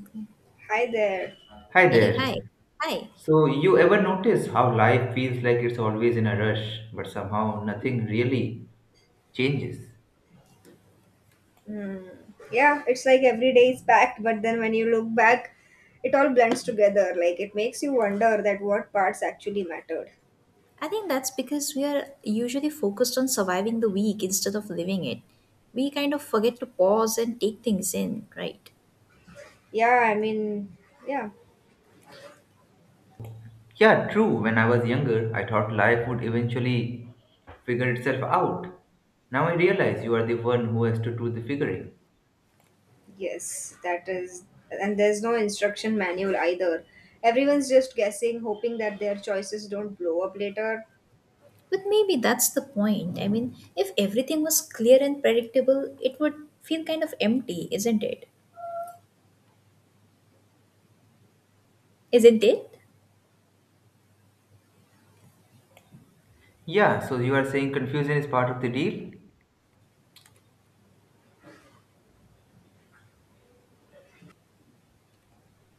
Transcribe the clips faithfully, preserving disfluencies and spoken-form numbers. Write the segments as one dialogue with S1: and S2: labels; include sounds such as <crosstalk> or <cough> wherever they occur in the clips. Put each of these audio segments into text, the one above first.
S1: Okay.
S2: Hi there.
S3: Hi
S1: Hey, hi.
S3: there.
S1: Hi.
S3: So, you ever notice how life feels like it's always in a rush, but somehow nothing really changes?
S2: Mm. Yeah, it's like every day is packed, but then when you look back, it all blends together. Like it makes you wonder that what parts actually mattered.
S1: I think that's because we are usually focused on surviving the week instead of living it. We kind of forget to pause and take things in, right?
S2: Yeah, I mean, yeah,
S3: Yeah, true. When I was younger, I thought life would eventually figure itself out. Now I realize you are the one who has to do the figuring.
S2: yes, that is. And there's no instruction manual either. Everyone's just guessing, hoping that their choices don't blow up later.
S1: But maybe that's the point. I mean, if everything was clear and predictable, it would feel kind of empty, isn't it? Isn't it?
S3: Yeah, so you are saying confusion is part of the deal?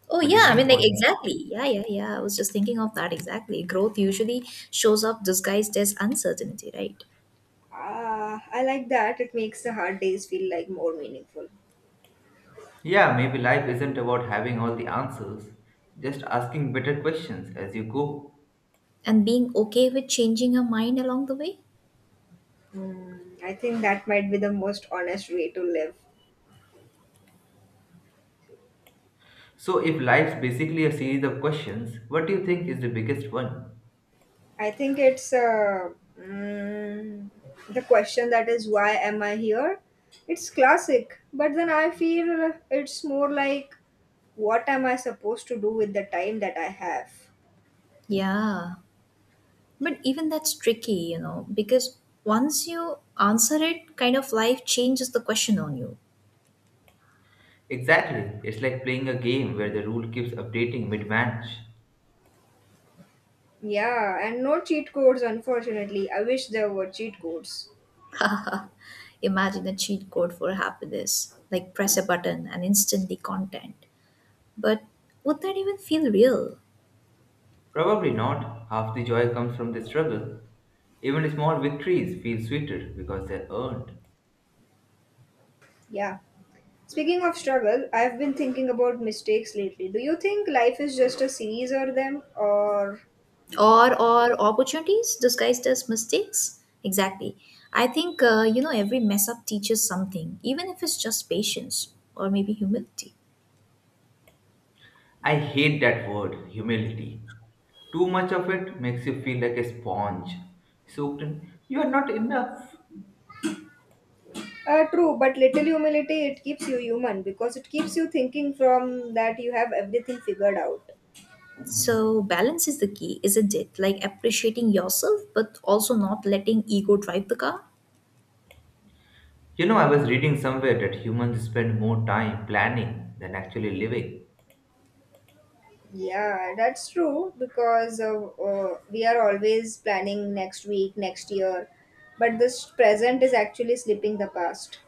S1: Oh,
S3: What do
S1: yeah.
S3: you
S1: I
S3: think
S1: mean, like,
S3: about that?
S1: exactly. Yeah, yeah, yeah. I was just thinking of that exactly. Growth usually shows up disguised as uncertainty, right?
S2: Ah, I like that. It makes the hard days feel like more meaningful.
S3: Yeah, maybe life isn't about having all the answers, just asking better questions as you go.
S1: And being okay with changing your mind along the way.
S2: Mm, I think that might be the most honest way to live.
S3: So, if life's basically a series of questions, what do you think is the biggest one?
S2: I think it's uh, mm, the question that is, why am I here? It's classic, but then I feel it's more like, what am I supposed to do with the time that I have?
S1: Yeah, but even that's tricky, you know, because once you answer it, kind of life changes the question on you.
S3: Exactly. It's like playing a game where the rule keeps updating mid match.
S2: Yeah, and no cheat codes, unfortunately. I wish there were cheat codes.
S1: <laughs> Imagine a cheat code for happiness, like press a button and instantly content. But would that even feel real?
S3: Probably not. Half the joy comes from the struggle. Even small victories feel sweeter because they're earned.
S2: Yeah. Speaking of struggle, I've been thinking about mistakes lately. Do you think life is just a series of them, or
S1: Or or opportunities disguised as mistakes? Exactly. I think uh, you know every mess up teaches something, even if it's just patience or maybe humility.
S3: I hate that word, humility. Too much of it makes you feel like a sponge. Soaked in, you are not enough.
S2: Uh, true, but little humility, it keeps you human because it keeps you thinking from that you have everything figured out.
S1: So, balance is the key, isn't it? Like appreciating yourself, but also not letting ego drive the car.
S3: You know, I was reading somewhere that humans spend more time planning than actually living.
S2: Yeah, that's true because uh, uh, we are always planning next week, next year, but this present is actually slipping the past.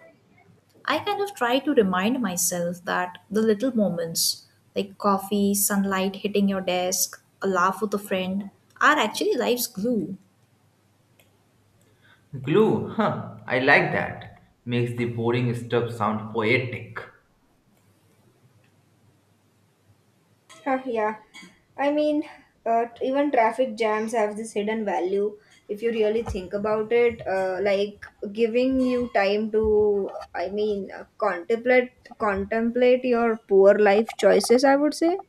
S1: I kind of try to remind myself that the little moments, like coffee, sunlight hitting your desk, a laugh with a friend, are actually life's glue.
S3: Glue, huh? I like that. Makes the boring stuff sound poetic.
S2: Huh, yeah, I mean, uh, even traffic jams have this hidden value if you really think about it. Uh, like, giving you time to, I mean, uh, contemplate contemplate your poor life choices. I would say,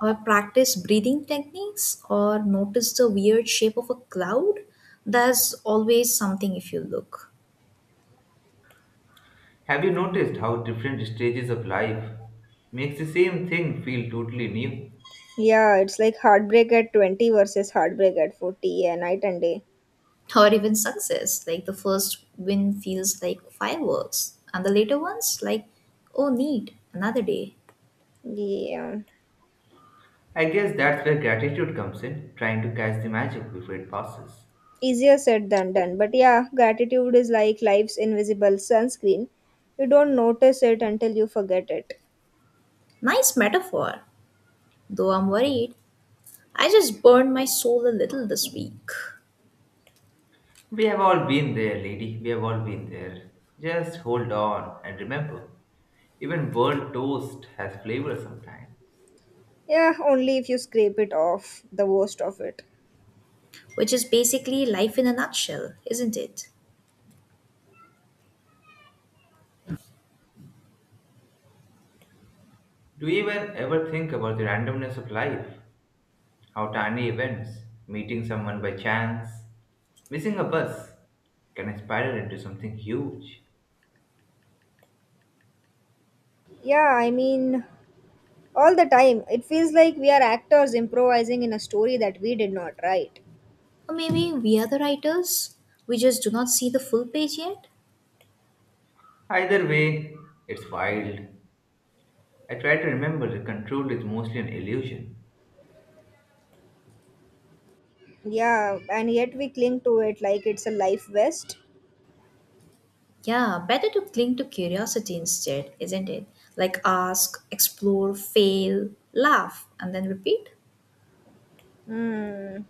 S1: Or practice breathing techniques, or notice the weird shape of a cloud. There's always something if you look.
S3: Have you noticed how different stages of life makes the same thing feel totally new?
S2: yeah, it's like heartbreak at twenty versus heartbreak at forty, yeah, night and day.
S1: Or even success. Like the first win feels like fireworks, and the later ones like, oh, neat, another day.
S2: Yeah,
S3: I guess that's where gratitude comes in, trying to catch the magic before it passes.
S2: easier said than done. But yeah, gratitude is like life's invisible sunscreen. You don't notice it until you forget it.
S1: Nice metaphor. Though I'm worried, I just burned my soul a little this week,
S3: We have all been there, lady. We have all been there. Just hold on and remember, even burnt toast has flavor sometimes.
S2: Yeah, only if you scrape it off, the worst of it.
S1: which is basically life in a nutshell, isn't it?
S3: Do you even ever think about the randomness of life? How tiny events, meeting someone by chance, missing a bus can spiral into something huge.
S2: Yeah, I mean, all the time. It feels like we are actors improvising in a story that we did not write.
S1: Or maybe we are the writers, we just do not see the full page yet.
S3: Either way, it's wild. I try to remember the control is mostly an illusion.
S2: Yeah, and yet we cling to it like it's a life vest.
S1: Yeah, better to cling to curiosity instead, isn't it? Like ask, explore, fail, laugh, and then repeat.
S2: Hmm.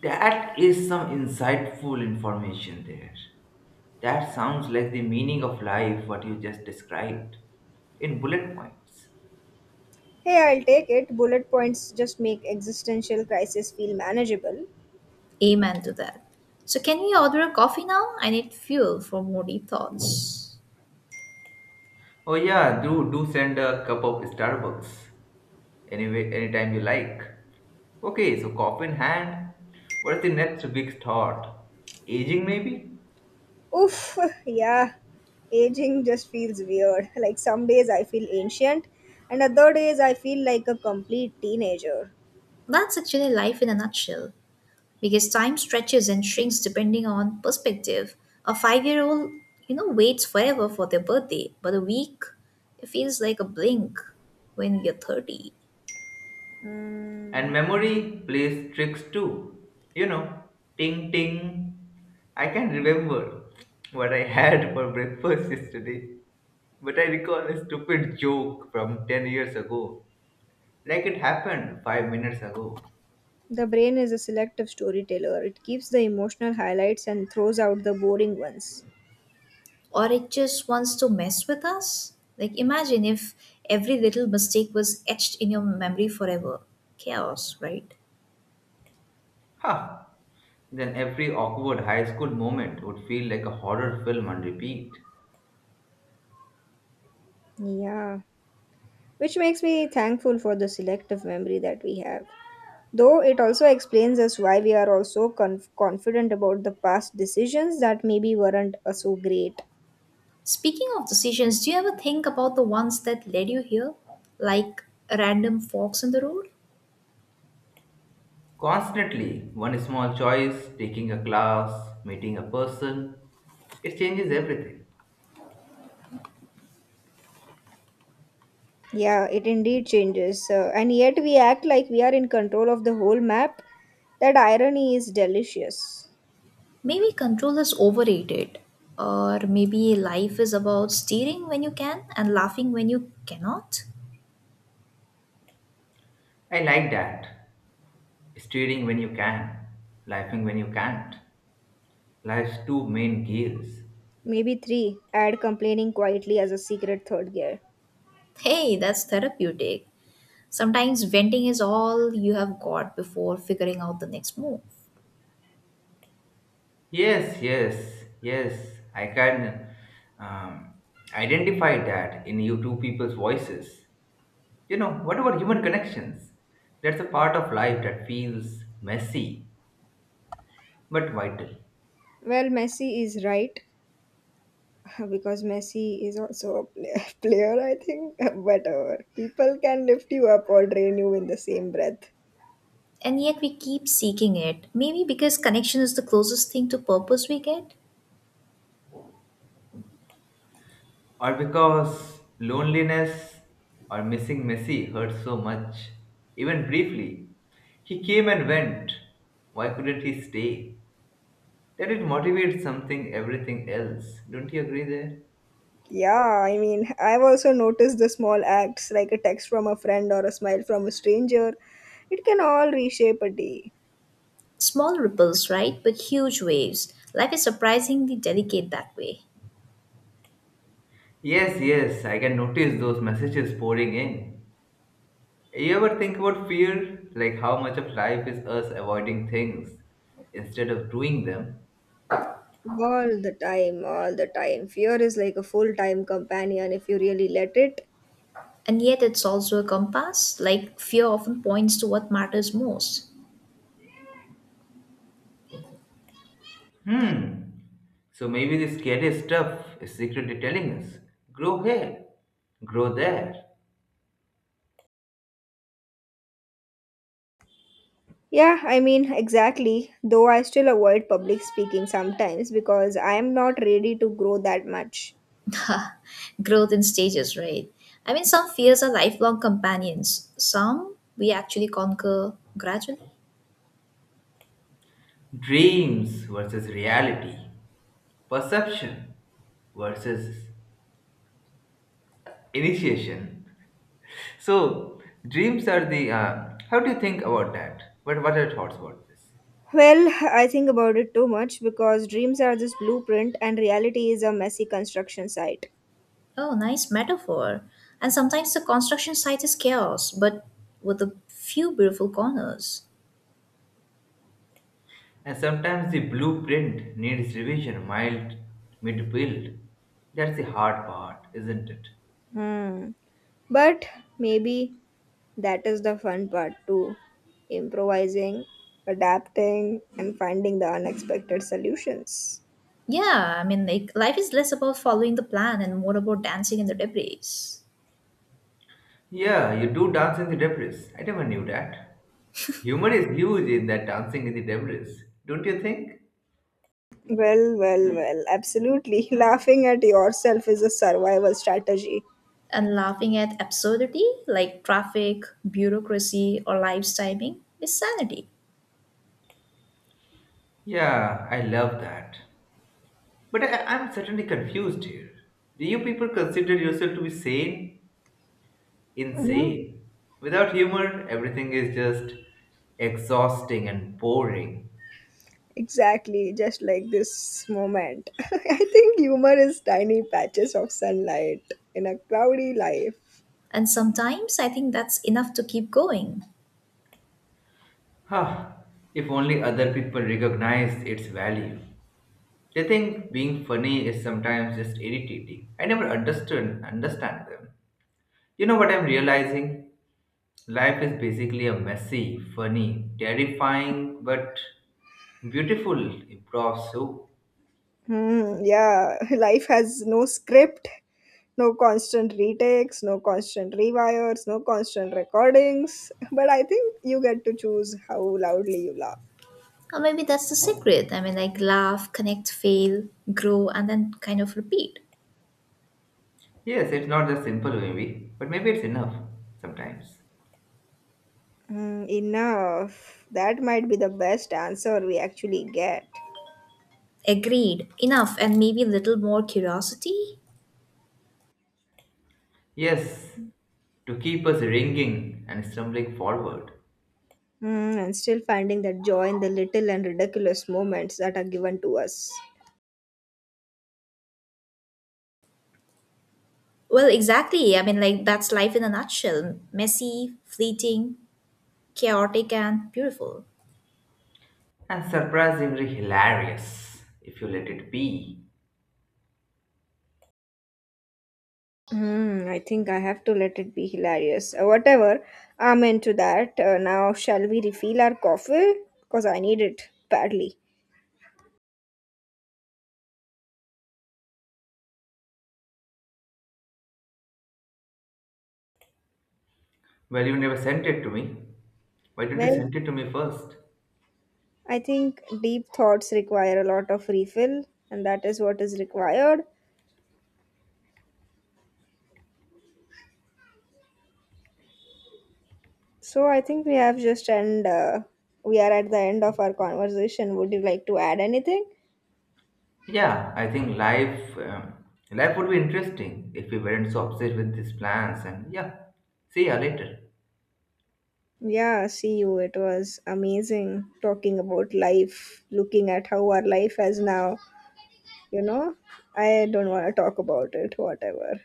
S3: That is some insightful information there. That sounds like the meaning of life, what you just described, in bullet points.
S2: Hey, I'll take it. Bullet points just make existential crisis feel manageable.
S1: Amen to that. So, can we order a coffee now? I need fuel for more deep thoughts.
S3: Oh yeah, do do send a cup of Starbucks. Anyway, anytime you like. Okay, so coffee in hand. What is the next big thought? Aging maybe?
S2: Oof, <laughs> yeah. Aging just feels weird. Like some days I feel ancient, and other days I feel like a complete teenager.
S1: That's actually life in a nutshell, because time stretches and shrinks depending on perspective. A five-year old you know, waits forever for their birthday, but a week, it feels like a blink when you're thirty.
S3: And
S2: Hmm.
S3: memory plays tricks too. You know, ting ting. I can remember what I had for breakfast <laughs> yesterday, but I recall a stupid joke from ten years ago, like it happened five minutes ago.
S2: The brain is a selective storyteller. It keeps the emotional highlights and throws out the boring ones.
S1: Or it just wants to mess with us? Like, imagine if every little mistake was etched in your memory forever. Chaos, right?
S3: Ha! Then every awkward high school moment would feel like a horror film on repeat.
S2: Yeah. Which makes me thankful for the selective memory that we have. Though it also explains us why we are also conf- confident about the past decisions that maybe weren't uh, so great.
S1: Speaking of decisions, do you ever think about the ones that led you here? Like random forks in the road?
S3: Constantly, one small choice, taking a class, meeting a person, it changes everything.
S2: Yeah, it indeed changes. Uh, and yet we act like we are in control of the whole map. That irony is delicious.
S1: Maybe control is overrated. Or maybe life is about steering when you can and laughing when you cannot?
S3: I like that. Steering when you can, laughing when you can't. Life's two main gears.
S2: Maybe three, add complaining quietly as a secret third gear.
S1: Hey, that's therapeutic. Sometimes venting is all you have got before figuring out the next move.
S3: Yes, yes, yes. I can um, identify that in you two people's voices. You know, what about human connections? That's a part of life that feels messy but vital.
S2: Well, Messi is right. <laughs> Because Messi is also a player, <laughs> player I think. <laughs> But uh, people can lift you up or drain you in the same breath.
S1: And yet we keep seeking it. Maybe because connection is the closest thing to purpose we get?
S3: Or because loneliness or missing Messi hurt so much. Even briefly, he came and went. Why couldn't he stay? That it motivates something, everything else. Don't you agree there?
S2: Yeah, I mean, I've also noticed the small acts like a text from a friend or a smile from a stranger. It can all reshape a day.
S1: Small ripples, right? But huge waves. Life is surprisingly delicate that way.
S3: Yes, yes, I can notice those messages pouring in. You ever think about fear? Like how much of life is us avoiding things instead of doing them?
S2: All the time, all the time. Fear is like a full time companion if you really let it.
S1: And yet, it's also a compass. Like, fear often points to what matters most.
S3: Hmm. So maybe the scary stuff is secretly telling us grow here, grow there.
S2: Yeah, I mean, exactly. Though I still avoid public speaking sometimes because I am not ready to grow that much.
S1: Growth in stages, right? I mean, some fears are lifelong companions, some we actually conquer gradually.
S3: Dreams versus reality, perception versus initiation. So dreams are the. Uh, how do you think about that? What What are your thoughts about this?
S2: Well, I think about it too much because dreams are this blueprint and reality is a messy construction site.
S1: Oh, nice metaphor. And sometimes the construction site is chaos, but with a few beautiful corners.
S3: And sometimes the blueprint needs revision, mild, mid build. That's the hard part, isn't it?
S2: Hmm. But maybe that is the fun part too, improvising, adapting, and finding the unexpected solutions.
S1: Yeah, I mean, like, life is less about following the plan and more about dancing in the debris,
S3: Yeah, you do dance in the debris. I never knew that. Humor is huge in that dancing in the debris, don't you think?
S2: Well, well, well, absolutely. <laughs> Laughing at yourself is a survival strategy.
S1: and laughing at absurdity like traffic, bureaucracy, or life's timing is sanity.
S3: Yeah, I love that. But I, I'm certainly confused here. Do you people consider yourself to be sane? Insane. Without humor, everything is just exhausting and boring.
S2: Exactly, just like this moment. <laughs> I think humor is tiny patches of sunlight in a cloudy life.
S1: And sometimes I think that's enough to keep going.
S3: Huh. If only other people recognized its value. They think being funny is sometimes just irritating. I never understood understand them. You know what I'm realizing? Life is basically a messy, funny, terrifying, but beautiful improv soup.
S2: Hmm, yeah, <laughs> life has no script, no constant retakes, no constant rewires, no constant recordings. <laughs> But I think you get to choose how loudly you laugh.
S1: Or maybe that's the secret. I mean, like laugh, connect, fail, grow, and then kind of repeat.
S3: Yes, it's not just simple maybe, but maybe it's enough sometimes.
S2: Hmm, enough. That might be the best answer we actually get.
S1: Agreed. Enough. And maybe a little more curiosity.
S3: Yes, to keep us ringing and stumbling forward.
S2: Hmm, and still finding that joy in the little and ridiculous moments that are given to us.
S1: Well, exactly. I mean, like that's life in a nutshell, messy, fleeting, chaotic, and beautiful.
S3: And surprisingly hilarious, if you let it be.
S2: Hmm, I think I have to let it be hilarious. Uh, whatever, I'm into that. Uh, now, shall we refill our coffee? Because I need it badly.
S3: Well, you never sent it to me. Why don't you
S2: Well,
S3: send it to me first?
S2: I think deep thoughts require a lot of refill, and that is what is required. So, I think we have just end. Uh, we are at the end of our conversation. Would you like to add anything?
S3: Yeah, I think life um, life would be interesting if we weren't so obsessed with these plans. And yeah, see ya later.
S2: Yeah, see you. It was amazing talking about life, looking at how our life has now. you know I don't want to talk about it, whatever.